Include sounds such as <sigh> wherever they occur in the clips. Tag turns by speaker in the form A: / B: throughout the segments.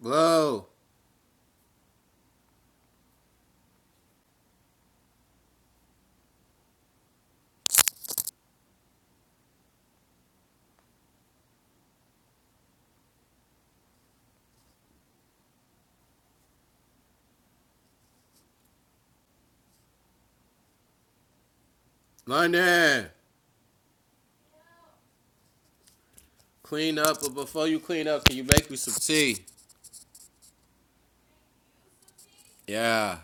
A: Blow. London. Clean up, but before you clean up, can you make me some tea? Yeah.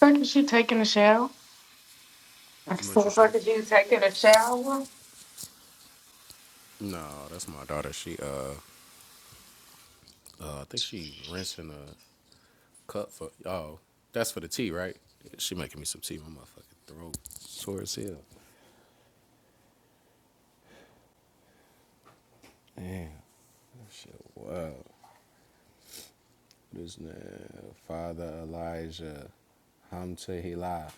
B: Fuck is you taking a shower?
A: What you
B: So
A: say?
B: fuck is you taking a shower?
A: No, that's my daughter. She uh, uh I think she rinsing a cup for oh, that's for the tea, right? She making me some tea. My motherfucking throat sore as hell. Damn, that shit. Wow. This nigga, Father Elijah Hamtehila.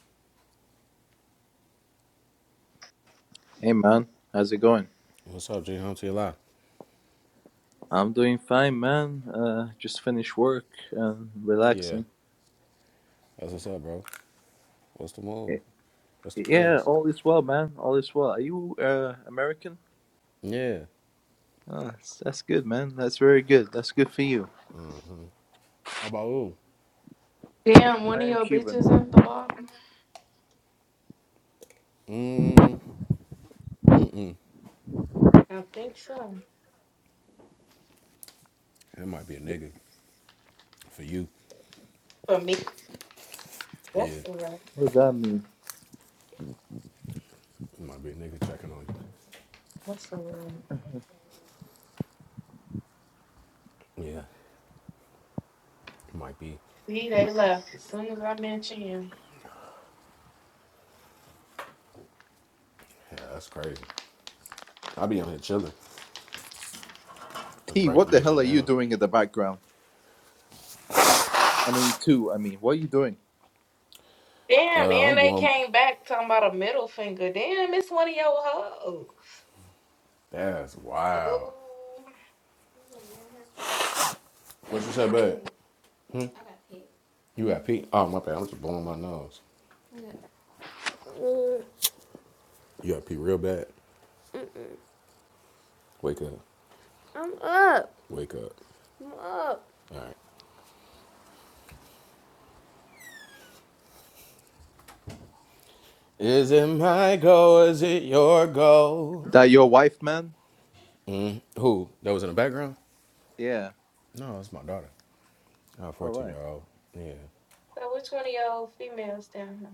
C: Hey man, how's it going?
A: What's up, G Hamtehila?
C: I'm doing fine, man. Uh, just finished work and
A: Yeah,
C: relaxing.
A: that's what's up, bro. What's the move?
C: Y-
A: What's the
C: Yeah,
A: plans?
C: all is well, man. All is well. Are you uh, American?
A: Yeah.
C: Ah, that's that's good, man. That's very good. That's good for you.
A: How about you?
B: Damn, one
C: I
B: of
C: am
B: your
C: Cuban.
B: bitches at the
C: What
B: bottom?
A: Mm,
B: I think so.
A: it might be a nigga for you.
B: For me.
A: Yeah,
B: That's
A: it
B: the right.
C: does that mean?
A: might be a nigga checking on you.
B: That's the right.
C: <laughs>
A: Yeah, it might be.
B: See, they left as soon as I mentioned him.
A: Yeah, that's crazy. I be out here chilling. Let's
C: T,
A: break
C: what the
A: this
C: hell
A: shit
C: are you
A: down.
C: doing in the background? I mean, two. I mean, what are you doing?
B: Damn,
A: Uh,
B: and
A: I'm
B: they
A: blowing.
B: came back talking about a middle finger. Damn, it's one of your hoes.
A: That's wow.
B: Oh.
A: What you say, bud? You got pee? Oh, my bad. I'm just blowing my nose. You got pee real bad. Wake up. I'm up. Wake up. I'm up. All right. Is it my goal? Is it your goal?
C: That your wife, man?
A: Mm, who? That was in the background?
C: Yeah.
A: No, it's my daughter. Uh,
C: All
A: 14
C: right.
A: year old. Yeah.
B: So which one of your females down here?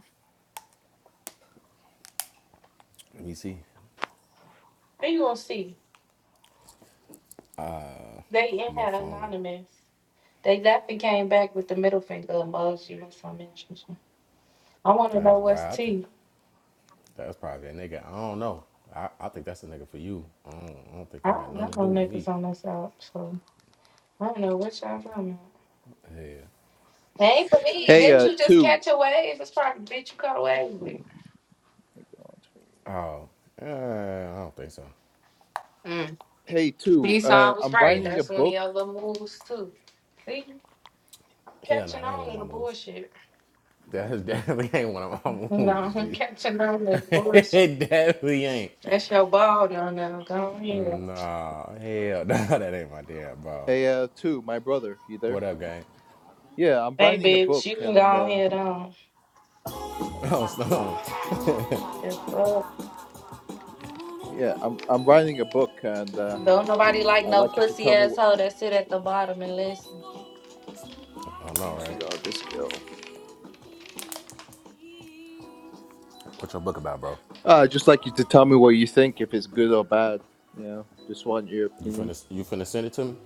A: Let me see.
B: How you gonna see? They in
A: My
B: had
A: phone was.
B: anonymous. They left and came back with the middle finger emoji or some mention. I wanna know
A: That's
B: what's
A: wild. I think
B: T.
A: that's probably a nigga. I don't know. I, I think that's a nigga for you. I don't, I don't think
B: I
A: they got
B: don't know
A: nothing to
B: no
A: do with
B: niggas
A: me.
B: on this app, so I don't know what y'all talking about.
A: Yeah.
B: Ain't for me.
C: Hey,
B: Didn't
C: uh,
B: you just
C: two.
B: catch a wave? It's probably the bitch you caught a wave with.
C: Thank God.
A: Oh, uh, I don't think so.
B: Mm.
C: Hey, two.
B: You saw I
C: Uh,
B: was
C: I'm
B: right.
C: writing a
B: That's one of your
C: book.
B: little moves too. See,
A: Hell no,
B: catching
A: that ain't one
B: on
A: of
B: to
A: my
B: the
A: moves.
B: bullshit.
A: That <laughs> definitely ain't one of my
B: No,
A: moves,
B: <laughs> I'm
A: G.
B: catching on to the
A: <laughs>
B: bullshit.
A: it definitely ain't.
B: That's your ball down there. Go on here.
A: Nah,
C: Uh,
A: hell no, <laughs> that ain't my damn ball.
C: Hey, uh, two. My brother, you there?
A: What up, gang?
C: Yeah, I'm
B: Hey,
C: writing a
B: bitch, you
C: book,
B: can go
C: and
B: on
C: uh,
B: here down.
C: oh
A: <laughs>
C: my
A: Oh,
C: god,
A: Stone.
B: Yes, sir.
C: yeah, I'm I'm writing a book, and uh,
B: Don't nobody like
C: I'd
B: no
C: like you to
B: pussy
C: tell me. What,
B: asshole that sit at the bottom and listen.
A: I
C: oh
A: know,
C: my
A: right?
C: god, this girl.
A: What's your book about, bro?
C: Uh, I'd just like you to tell me what you think, if it's good or bad. You know, just want your
A: You
C: opinion.
A: finna you finna send it to me?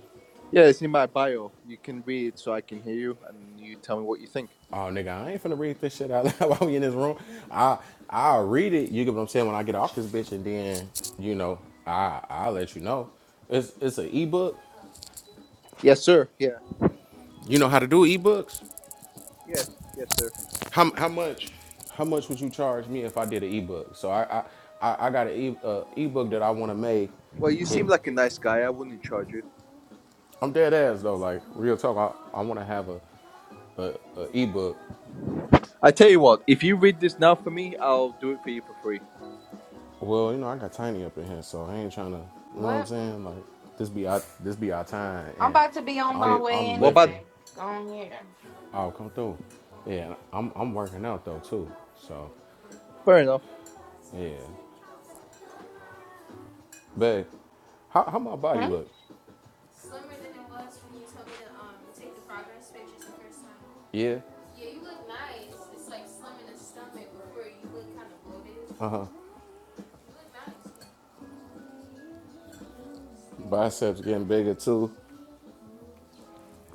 C: Yeah, it's in my bio. You can read it so I can hear you, and you tell me what you think.
A: Oh nigga, I ain't finna read this shit out loud <laughs> while we in this room. I I'll read it, you get what I'm saying, when I get off this bitch and then, you know, I I'll let you know. It's it's an ebook.
C: Yes, sir. Yeah.
A: You know how to do ebooks?
C: Yes, yes, sir.
A: How how much how much would you charge me if I did an ebook? So I I I I got an e, uh, ebook that I want to make.
C: Well, you
A: it.
C: seem like a nice guy. I wouldn't charge you.
A: I'm dead ass though. Like real talk, I, I want to have a, a, a ebook.
C: I tell you what, if you read this now for me, I'll do it for you for free.
A: Well, you know, I got tiny up in here, so I ain't trying to. You know what I'm
B: What?
A: saying? Like this be our this be our time,
B: I'm
A: and
B: about to be on my
A: I'm
C: Okay.
B: way
A: I'm
C: What about?
A: lifting.
B: anyway. Go on here.
A: I'll come through. Yeah, I'm I'm working out though too. So
C: Fair enough.
A: yeah, but how how my body
B: Hmm?
A: look? Yeah. Uh huh. Biceps getting bigger too.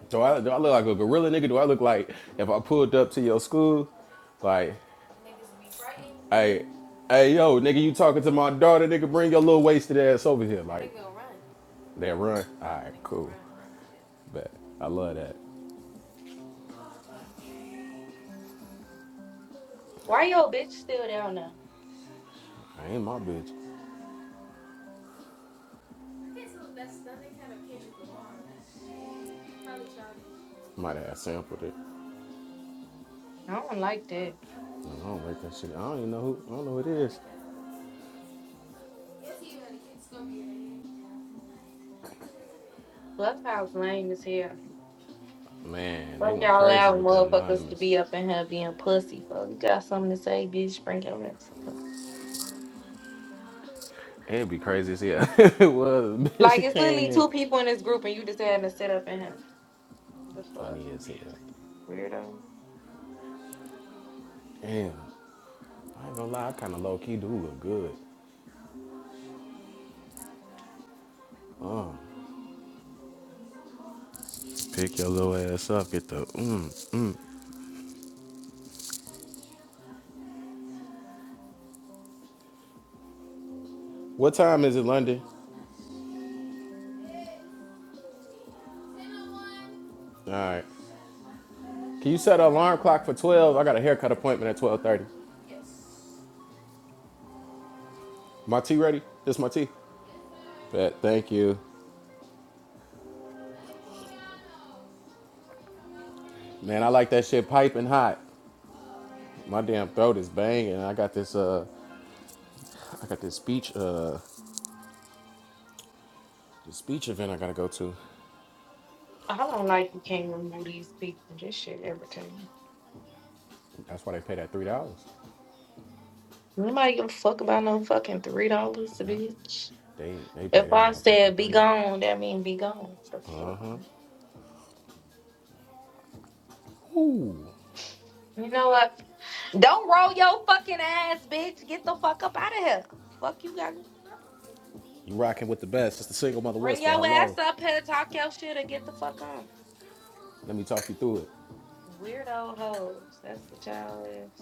A: Do I do I look like a gorilla nigga? Do I look like if I pulled up to your school, like? Hey, hey, yo, nigga, you talking to my daughter? Nigga, bring your little wasted ass over here. Like, they run. All right, cool. run. Bet. I love that.
B: Why your bitch still down there?
A: I ain't my bitch. Might have sampled it.
B: I don't like that.
A: I don't like that shit. I don't even know who. I don't know who it is.
B: Clubhouse lame is here.
A: Man, they
B: Fuck
A: went
B: y'all
A: crazy
B: allowing
A: with the
B: motherfuckers to
A: anonymous.
B: be up in here being pussy Fuck. You got something to say, bitch? Bring your ass
A: It'd be crazy as hell. <laughs> it was. Bitch, she
B: Like it's
A: came
B: literally
A: in.
B: two people in this group, and you just had to sit up in here. What The fuck,
A: Funny as hell.
B: weirdo.
A: Damn. I ain't gonna lie. I kind of low key do look good. Um, pick your little ass up. Get the. Mm. What time is it, London? All right. Can you set an alarm clock for 12? I got a haircut appointment at 12:30. My tea ready? This my tea. Bet. Thank you. Man, I like that shit piping hot. My damn throat is banging. I got this uh I got this speech uh this speech event I gotta go to.
B: I don't like you can't remove these people. This shit irritating.
A: That's why they pay that three dollars.
B: Nobody give a fuck about no fucking three dollars,
A: Yeah.
B: bitch.
A: They they pay
B: If
A: that
B: I
A: motherfucking
B: said be
A: three.
B: gone, that mean be gone. The fuck?
A: Uh-huh. Ooh.
B: You know what? Don't roll your fucking ass, bitch. Get the fuck up out of here. Fuck you got going on.
A: You rocking with the best. It's the single mother
B: Bring
A: west, but
B: your ass
A: hello.
B: up here, talk your shit, and get the fuck on.
A: Let me talk you through it.
B: Weirdo hoes. That's what y'all is.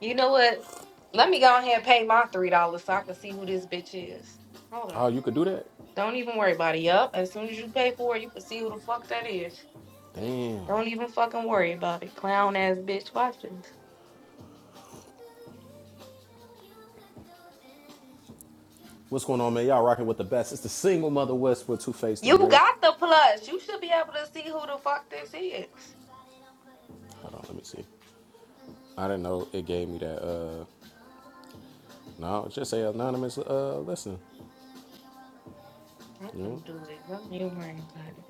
B: You know what? Let me go ahead and pay my three dollars so I can see who this bitch is. Hold on.
A: Oh, you could do that?
B: Don't even worry about it. Yup. As soon as you pay for it, you can see who the fuck that is.
A: Damn.
B: Don't even fucking worry about it. Clown ass bitch. Watch this.
A: What's going on, man? Y'all rocking with the best. It's the single mother west with Two Face the
B: You
A: Great.
B: got the plus. You should be able to see who the fuck this is.
A: Hold on, let me see. I didn't know it gave me that. Uh, no, just say anonymous. Uh, listen,
B: I
A: you know.
B: can do it. Don't even worry about it.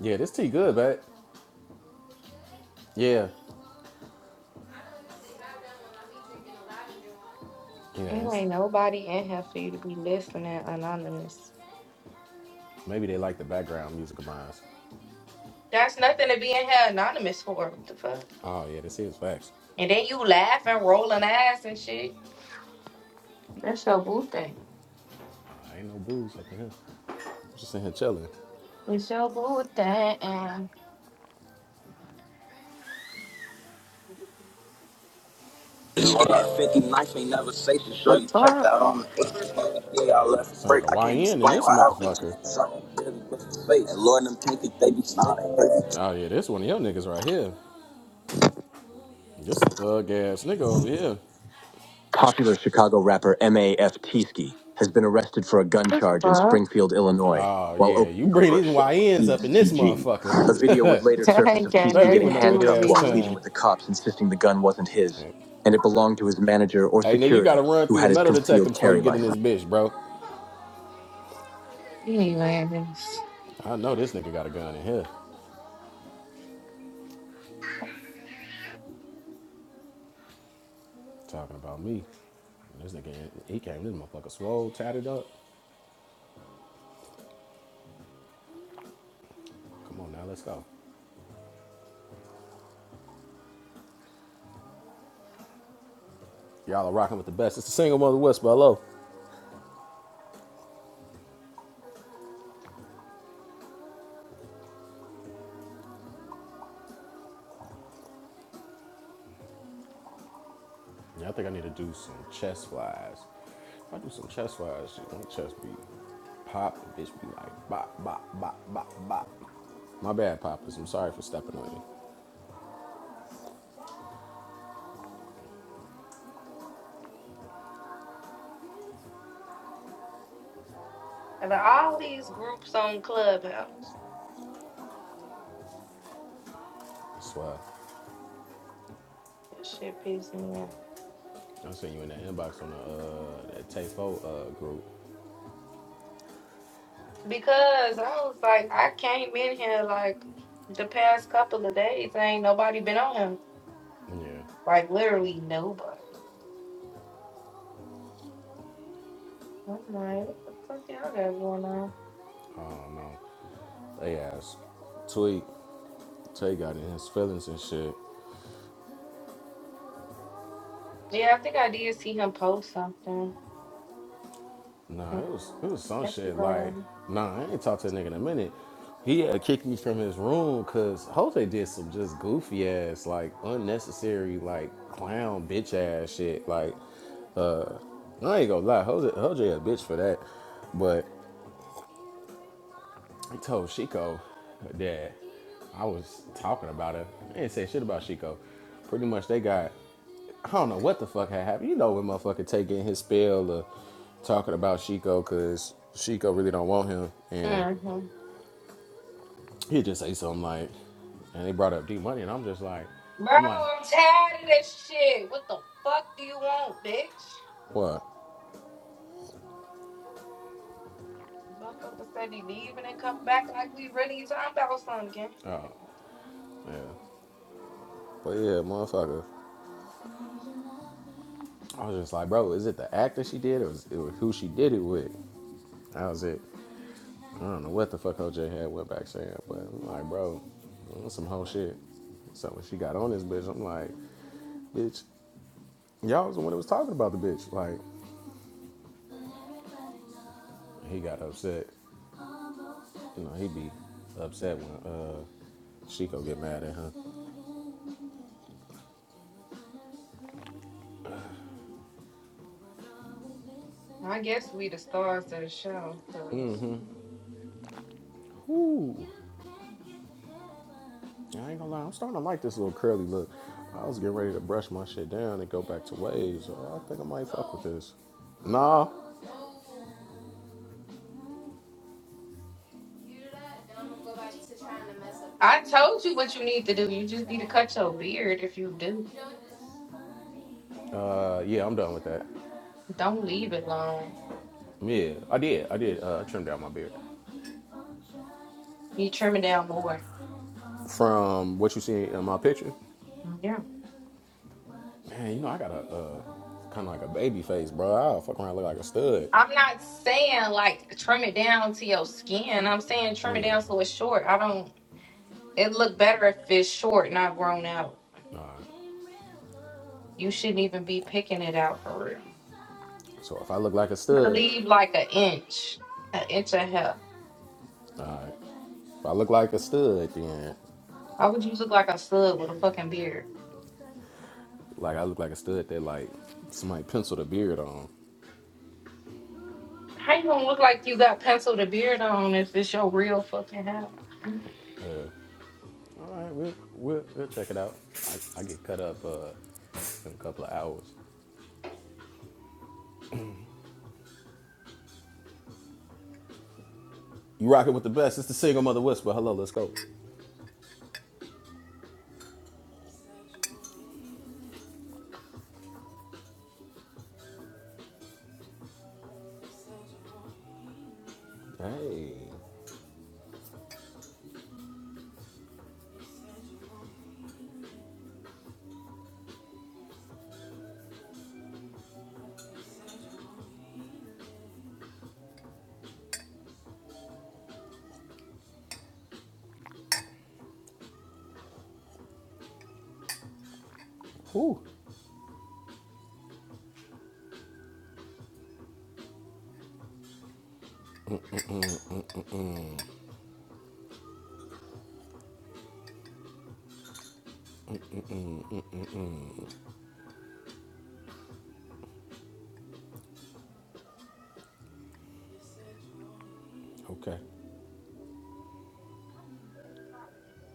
A: Yeah, this tea good, but yeah, yeah.
B: It
A: It's,
B: ain't nobody in here for you to be listening anonymous.
A: maybe they like the background music of mine.
B: That's nothing to be in here anonymous for. What the fuck?
A: Oh yeah, this is facts.
B: And then you laughing, rolling ass and shit. That's your boo thing.
A: Uh, ain't no booze up in here. Just in here chilling.
B: It's your boo thing. and-
D: 50 nights ain't never safe to show
B: The
D: you checked
B: fuck?
D: out on me.
A: Yeah,
D: Yeah, I left a
A: sound
D: break. I
A: like a
D: can't
A: YN in
D: explain
A: this
D: what happened.
A: motherfucker.
D: Something really missed his face. And Lord, them can't think they be snotting.
A: Oh yeah, this one of your niggas right here. This thug ass nigga over here.
D: Popular Chicago rapper M.A.F. Tieske has been arrested for a gun
B: This
D: charge in
B: fuck? <laughs>
D: Springfield, Illinois,
A: Oh
D: while
A: yeah,
D: opening
A: you
D: up
A: bring
D: for a
A: these
D: show with
A: YNs
D: E
A: up
D: S
A: in
D: T
A: this
D: G.
A: motherfucker.
D: A video would
A: <laughs>
D: later
B: That
D: surface
B: ain't
D: of
B: got
A: Throw
D: Tieske
A: me
B: nothing
D: getting
A: with
B: to
A: no
B: do
A: good
B: with
D: handcuffed
A: ass
D: while
B: me.
D: pleading
A: time.
D: with the cops, insisting the gun wasn't his
A: Yeah,
D: and it belonged to his manager or
A: Hey, nigga, you
D: security,
A: gotta run
D: who
A: through
D: had
A: the
D: his
A: metal detector
D: concealed
A: before you
D: carry
A: get in
D: license.
A: this bitch, bro.
B: You ain't laughing.
A: I know this nigga got a gun in here. Talking about me. This nigga, he came, this motherfucker swole, tatted up. Come on now, let's go. Y'all are rocking with the best. It's the single mother West by Low. Yeah, I think I need to do some chest flies. If I do some chest flies, shit, my chest be pop, the bitch be like bop, bop, bop, bop, bop. My bad, Poppers. I'm sorry for stepping on you.
B: Out of all these groups on Clubhouse,
A: I swear.
B: this shit pisses me off.
A: I seen you in that inbox on the uh, that Tay Fo uh, group.
B: Because I was like, I came in here like the past couple of days, ain't nobody been on him.
A: Yeah.
B: Like literally nobody. I'm like, what the fuck y'all got going on?
A: I don't know. They asked Tweet. Tay got in his feelings and shit.
B: Yeah, I think I did see him post something.
A: Nah, it was it
B: Mhm.
A: was some
B: That's the
A: shit like,
B: problem.
A: nah, I ain't talked to a nigga in a minute. He had kicked me from his room because Jose did some just goofy ass, like unnecessary, like clown bitch ass shit. Like, I ain't gonna lie, Jose, Jose a bitch for that. But I told Chico that I was talking about her. I didn't say shit about Chico. Pretty much they got I don't know what the fuck had happened. You know when motherfucker taking his spell or talking about Shiko because Shiko really don't want him, and
B: Mm-hmm.
A: he just say something like, and they brought up D Money, and I'm just like,
B: Bro,
A: I'm like,
B: I'm tired of this shit. What the fuck do you want, bitch?
A: what?
B: Motherfucker said he leaving and come back like we really talking about something.
A: Yeah, but yeah, motherfucker. I was just like, bro, is it the act that she did, or is it who she did it with? That was it. I don't know what the fuck OJ had went back saying, but I'm like, bro, that's some whole shit. So when she got on this bitch, I'm like, bitch, y'all was the one that was talking about the bitch, like. He got upset. You know, he be upset when uh Chico get mad at him.
B: I guess we the stars of the show, cuz.
A: Ooh, I ain't gonna lie, I'm starting to like this little curly look. I was getting ready to brush my shit down and go back to waves. Oh, I think I might fuck with this. Nah.
B: I told you what you need to do. You just need to cut your beard if you do.
A: Uh, yeah, I'm done with that.
B: Don't leave it long.
A: Yeah, I did. I did. Uh, I trimmed down my beard.
B: You trim it down more.
A: From what you see in my picture,
B: Yeah.
A: man, you know I got a uh, kind of like a baby face, bro. I'll fuck around and look like a stud.
B: I'm not saying like trim it down to your skin. I'm saying trim it
A: Yeah.
B: down so it's short. I don't it look better if it's short, not grown out.
A: All right.
B: You shouldn't even be picking it out for real.
A: So if I look like a
B: You could
A: stud,
B: leave like an inch. An inch and a half.
A: Alright. If I look like a stud, then
B: How would you look like a stud with a fucking beard?
A: like I look like a stud that like somebody penciled a beard on.
B: How you gonna look like you got penciled a beard on if it's your real fucking hair?
A: Uh, all right, we'll, we'll we'll check it out. I, I get cut up uh, in a couple of hours. You rocking with the best. It's the single mother whisper. Hello, let's go. Hey. Whew. Okay.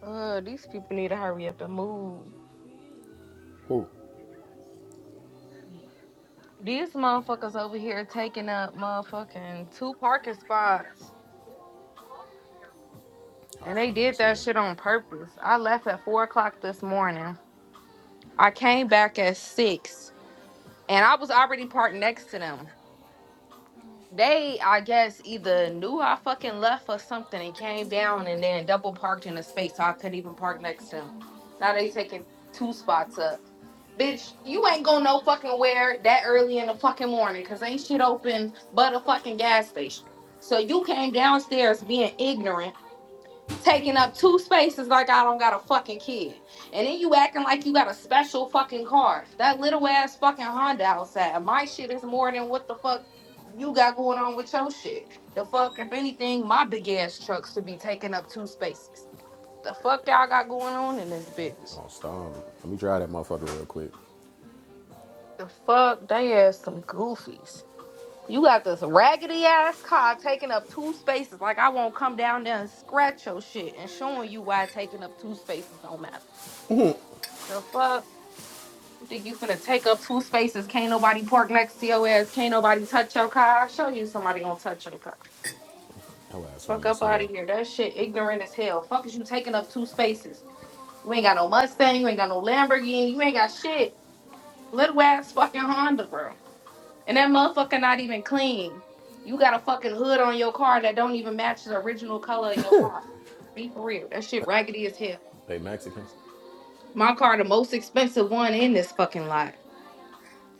B: Uh, these people need to hurry up and move.
A: Whew.
B: These motherfuckers over here taking up motherfucking two parking spots. And
A: How
B: they
A: funny
B: did
A: is here.
B: that shit on purpose. I left at four o'clock this morning. I came back at six. And I was already parked next to them. they I guess either knew I fucking left or something and came down and then double parked in a space so I couldn't even park next to them. Now they taking two spots up. Bitch, you ain't going no fucking where that early in the fucking morning because ain't shit open but a fucking gas station. So you came downstairs being ignorant taking up two spaces like I don't got a fucking kid. And then you acting like you got a special fucking car. That little ass fucking Honda outside. My shit is more than what the fuck you got going on with your shit. The fuck, if anything, my big ass truck should be taking up two spaces. The fuck y'all got going on in this bitch?
A: Oh, stop. Let me try that motherfucker real quick.
B: The fuck, they ass some goofies. You got this raggedy ass car taking up two spaces. Like I won't come down there and scratch your shit and showing you why taking up two spaces don't matter. The fuck? Think you finna take up two spaces? Can't nobody park next to your ass. Can't nobody touch your car. I'll show you somebody gonna touch your car.
A: How ass
B: Fuck
A: funny is
B: up out
A: here.
B: of here. That shit ignorant as hell. Fuck is you taking up two spaces? You ain't got no Mustang. You ain't got no Lamborghini. You ain't got shit. Little ass fucking Honda, bro. And that motherfucker not even clean. You got a fucking hood on your car that don't even match the original color of your car. Be for real. That shit raggedy as hell.
A: They Mexican.
B: My car, the most expensive one in this fucking lot.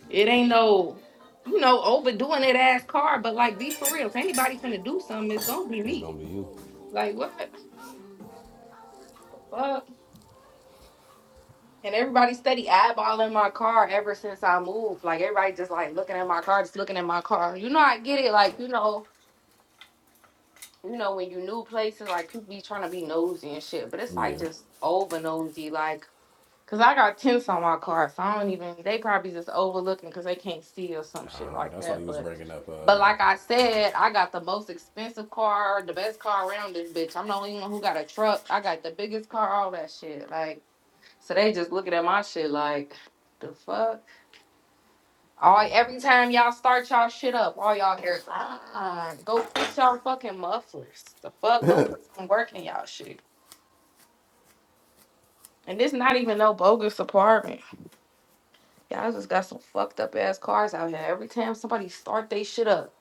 B: It ain't no, you know, overdoing it ass car, but like be for real. If anybody finna do something, it's gonna be
A: It's
B: me.
A: gonna be you.
B: Like what the fuck? And everybody steady eyeballing my car ever since I moved. Like everybody just like looking at my car, just looking at my car. You know, I get it. Like you know, you know when you new places, like people be trying to be nosy and shit. But it's like
A: Yeah.
B: just over nosy. Like Cause I got tents on my car, so I don't even. They probably just overlooking because they can't see or some shit
A: Oh,
B: like
A: that's why you
B: that.
A: was
B: But,
A: bringing up.
B: but
A: Uh,
B: like I said, I got the most expensive car, the best car around this bitch. I'm the only one who got a truck. I got the biggest car, all that shit. Like, so they just looking at my shit like, the fuck. All
A: yeah.
B: every time y'all start y'all shit up, all y'all hear is, ah, go fix y'all fucking mufflers. The fuck, go put some work in y'all shit. And this not even no bogus apartment. Y'all just got some fucked up ass cars out here. Every time somebody start they shit up,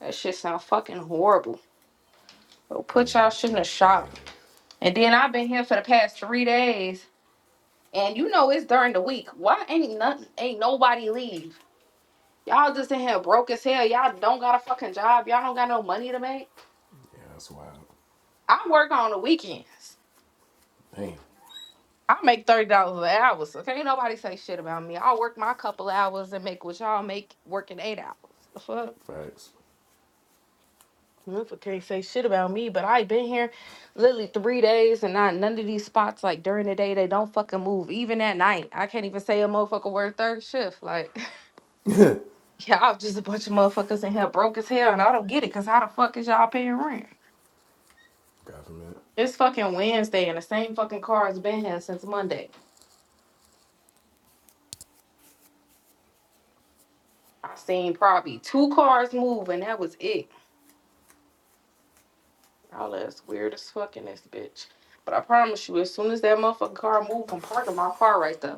B: that shit sound fucking horrible. So put
A: Funny
B: y'all shit in the
A: as hell.
B: shop. And then I've been here for the past three days, and you know it's during the week. Why ain't nothing? Ain't nobody leave? Y'all just in here broke as hell. Y'all don't got a fucking job. Y'all don't got no money to make.
A: Yeah, that's wild.
B: I work on the weekends.
A: Damn.
B: I make thirty dollars an hour, so can't nobody say shit about me. I'll work my couple hours and make what y'all make working eight hours. The fuck?
A: Facts.
B: Motherfucker can't say shit about me, but I been here literally three days and not none of these spots like during the day they don't fucking move. Even at night, I can't even say a motherfucker word third shift. Like, <laughs> y'all just a bunch of motherfuckers in here broke as hell, and I don't get it. Cause how the fuck is y'all paying rent?
A: Government.
B: It's fucking Wednesday, and the same fucking car has been here since Monday. I seen probably two cars move, and that was it. All that's weird as fuck in this bitch. But I promise you, as soon as that motherfucking car move, I'm parking my car right there.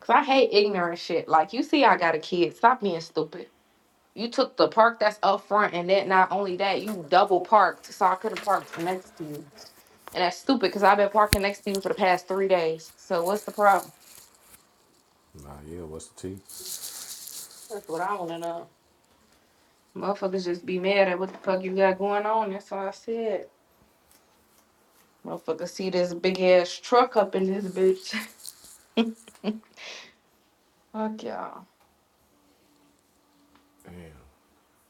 B: Cause I hate ignorant shit. Like you see, I got a kid. Stop being stupid. You took the park that's up front, and then not only that, you double parked, so I could have parked next to you. And that's stupid, cause I've been parking next to you for the past three days. So what's the problem?
A: Nah, yeah. What's the tea?
B: That's what I want to know. Motherfuckers just be mad at what the fuck you got going on. That's all I said. Motherfuckers see this big ass truck up in this bitch. <laughs> Fuck y'all.
A: Damn.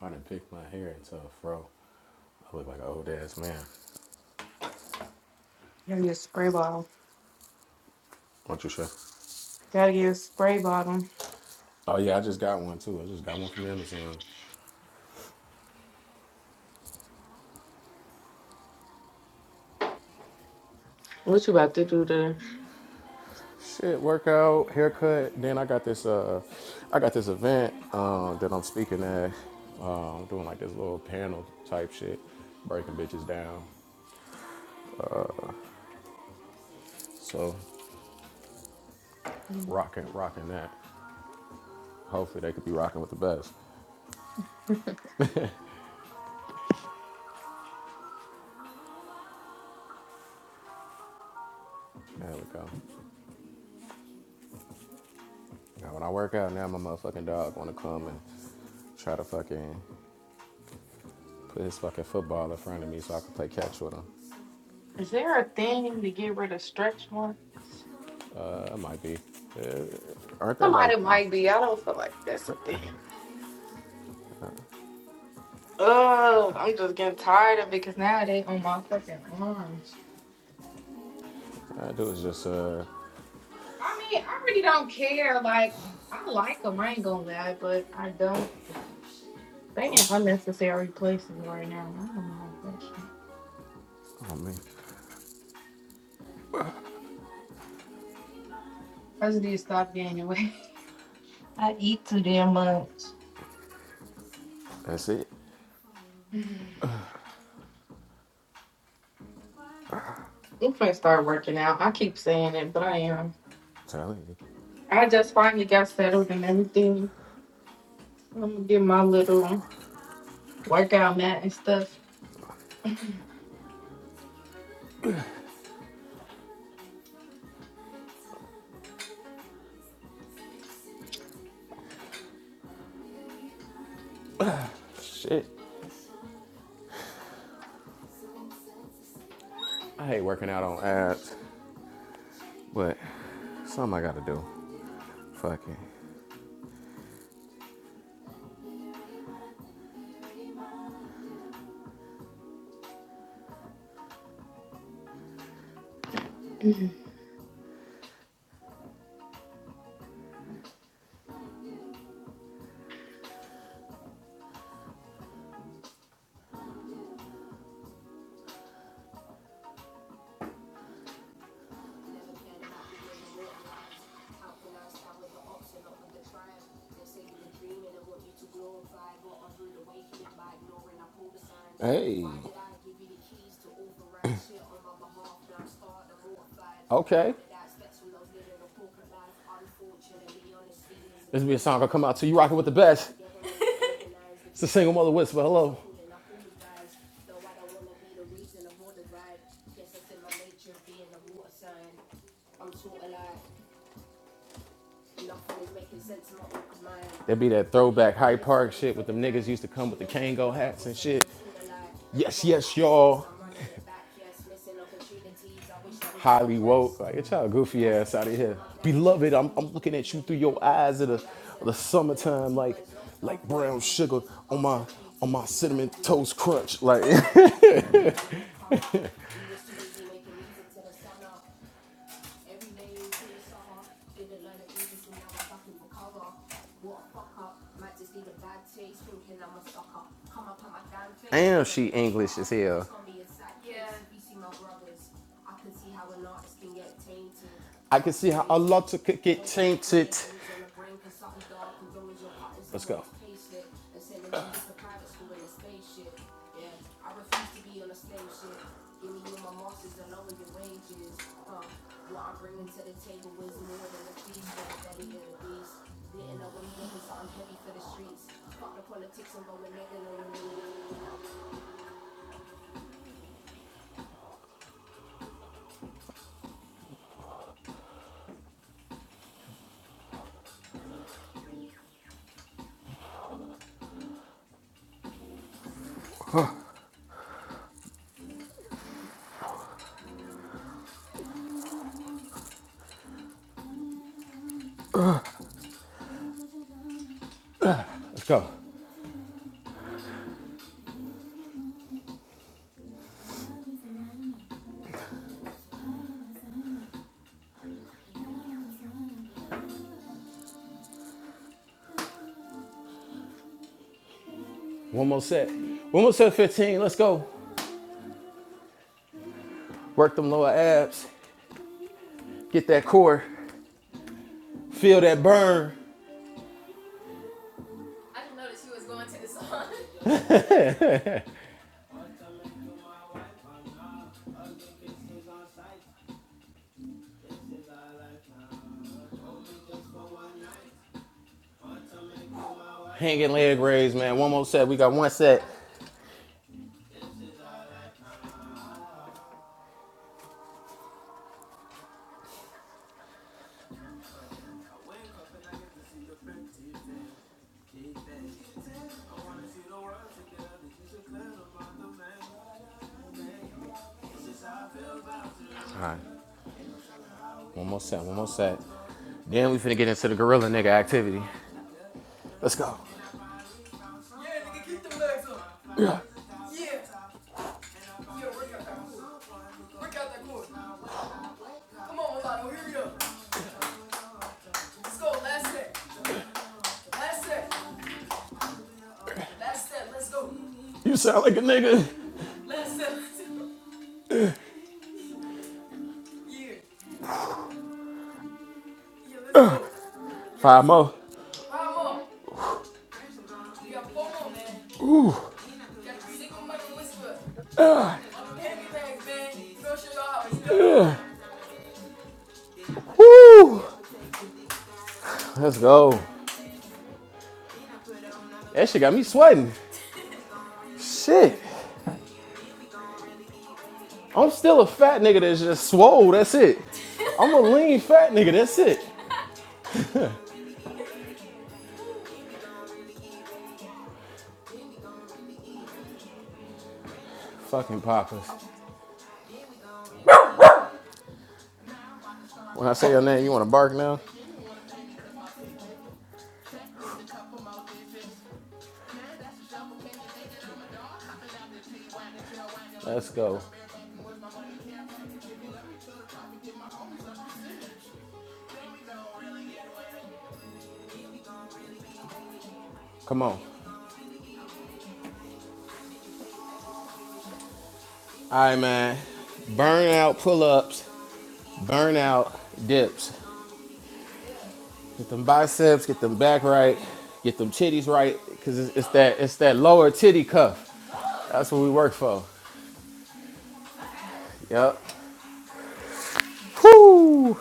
A: I done picked my hair into a fro. I look like an old ass man.
B: Gotta get a spray bottle.
A: What you say?
B: Gotta get a spray bottle.
A: Oh yeah, I just got one too. I just got one from Amazon.
B: What you about to do today?
A: Shit, workout, haircut. Then I got this uh I got this event um that I'm speaking at. Um doing like this little panel type shit, breaking bitches down. So
B: Mm.
A: rocking rocking that. Hopefully they could be rocking with the best. There we go. Now when I work out now my motherfucking dog wanna come and try to fucking put his fucking football in front of me so I can play catch with him.
B: Is there a thing to get rid of stretch marks?
A: Uh I might be. Uh, aren't they like
B: Somebody might be. I don't feel like that's a thing. Oh, I'm just getting tired of it because now they on my fucking arms.
A: I do is just uh
B: I mean, I really don't care. Like, I like them. I ain't gonna lie, but I don't. They in unnecessary places right now. I don't like that shit.
A: I mean
B: I just need to stop getting away. <laughs> I eat too damn much.
A: that's it.
B: Mhm. I'm finna start working out. I keep saying it, but I am.
A: I'm Telling you.
B: I just finally got settled and everything. I'm gonna get my little workout mat and stuff.
A: Shit. I hate working out on ads, but something I gotta do. Fuck it. Hey. <coughs> <clears throat> Okay. This will be a song gonna come out to you rocking with the best. <laughs> It's a single mother whisper. Hello. That'd be that throwback Hyde Park shit with them niggas used to come with the Kango hats and shit. Yes, yes, y'all. <laughs> Highly woke. Like, get y'all goofy ass out of here. Beloved, I'm, I'm looking at you through your eyes of the, of the summertime, like like brown sugar on my on my cinnamon toast crunch. Like <laughs> I can see how a lot to could get tainted. Let's go. Let's go. One more set. One more set, 15. Let's go. Work them lower abs. Get that core. Feel that burn. Hanging leg raise, man. One more set. We got one set. All right. One more set. One more set. Then we finna get into the gorilla nigga activity. Let's go. Yeah, nigga, keep them legs up. Yeah. Yeah, work out that core. Work out that core. Come on, Milano, here we go. Let's go. Last set. Last set. Last set. Let's go. You sound like a nigga. Last set. Last set. Here. Five more. Five more. You got four more, man. You got three single mother whisper. I'm a pancake bag, man. Throw shit off. Woo! Let's go. That shit got me sweating. Shit. I'm still a fat nigga that's just swole. That's it. I'm a lean fat nigga. That's it. Fucking poppers. When I say your name, you want to bark now? Let's go. Come on. All right, man. Burnout pull-ups. Burnout dips. Get them biceps. Get them back right. Get them titties right. Cause it's, it's that it's that lower titty cuff. That's what we work for. Yep. Whoo!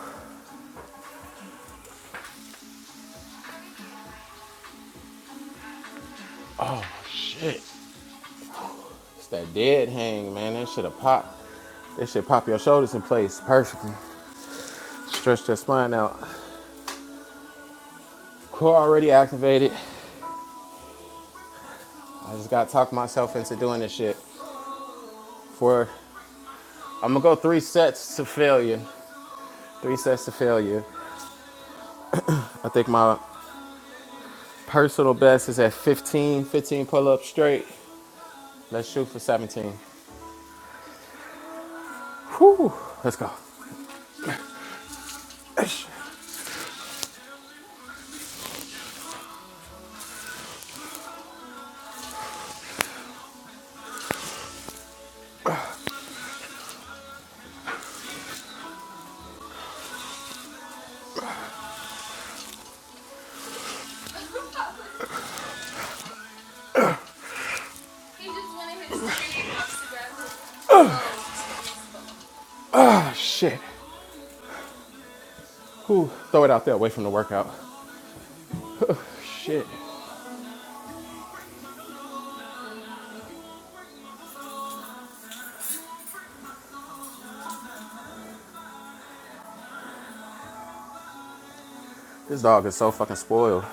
A: It's that dead hang, man. That should have popped. That should pop your shoulders in place perfectly. Stretch your spine out. Core already activated. I just gotta talk myself into doing this shit. For I'm gonna go three sets to failure. Three sets to failure. I think my personal best is at 15, 15 pull-ups straight. Let's shoot for 17. Whew, let's go. Oh shit. Whew, throw it out there away from the workout. Shit. This dog is so fucking spoiled.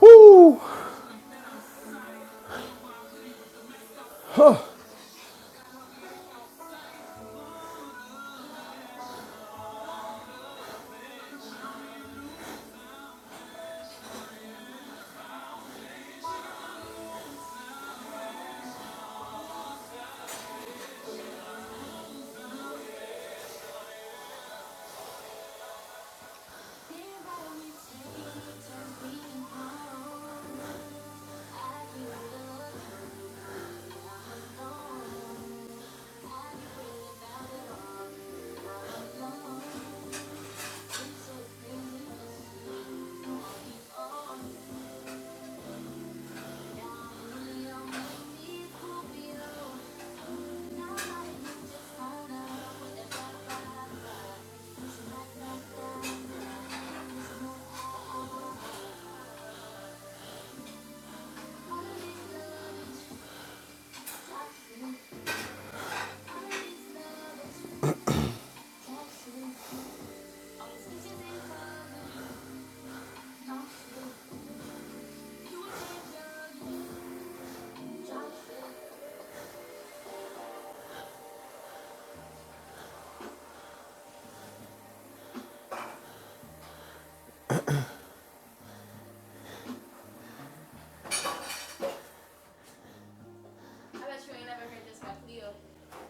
A: Woo!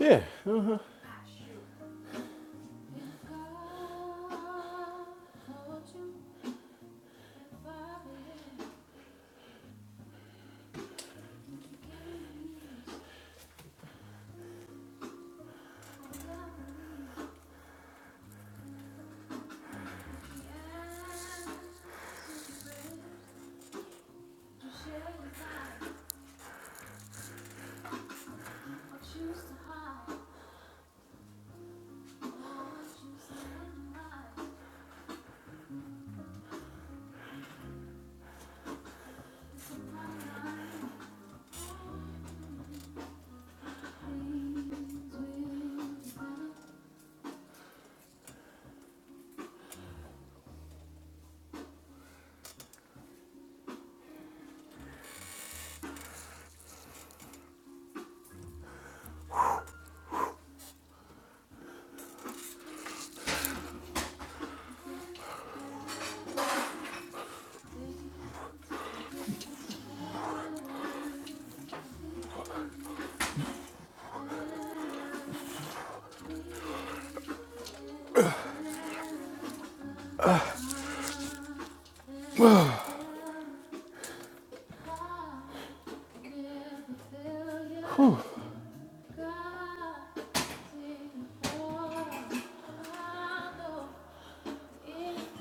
A: Yeah. <laughs> I just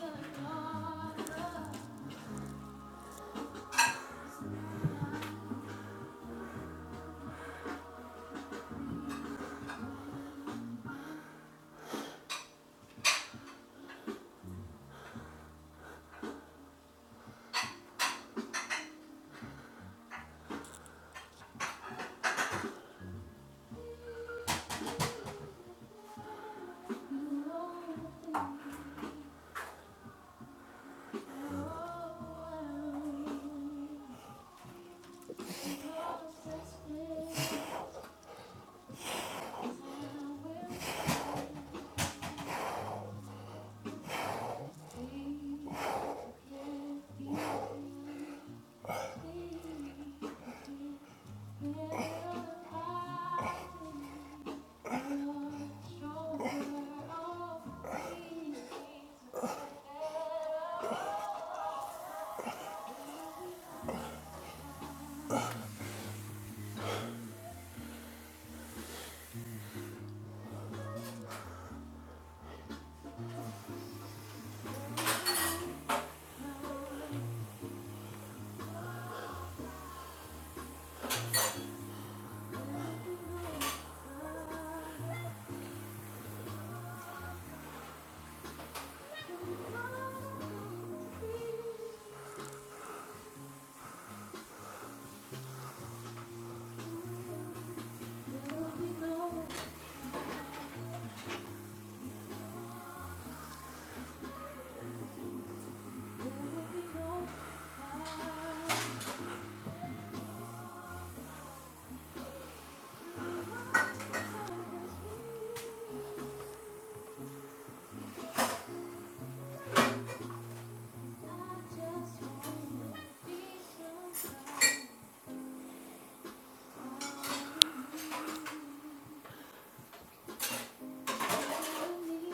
A: wanna be somebody.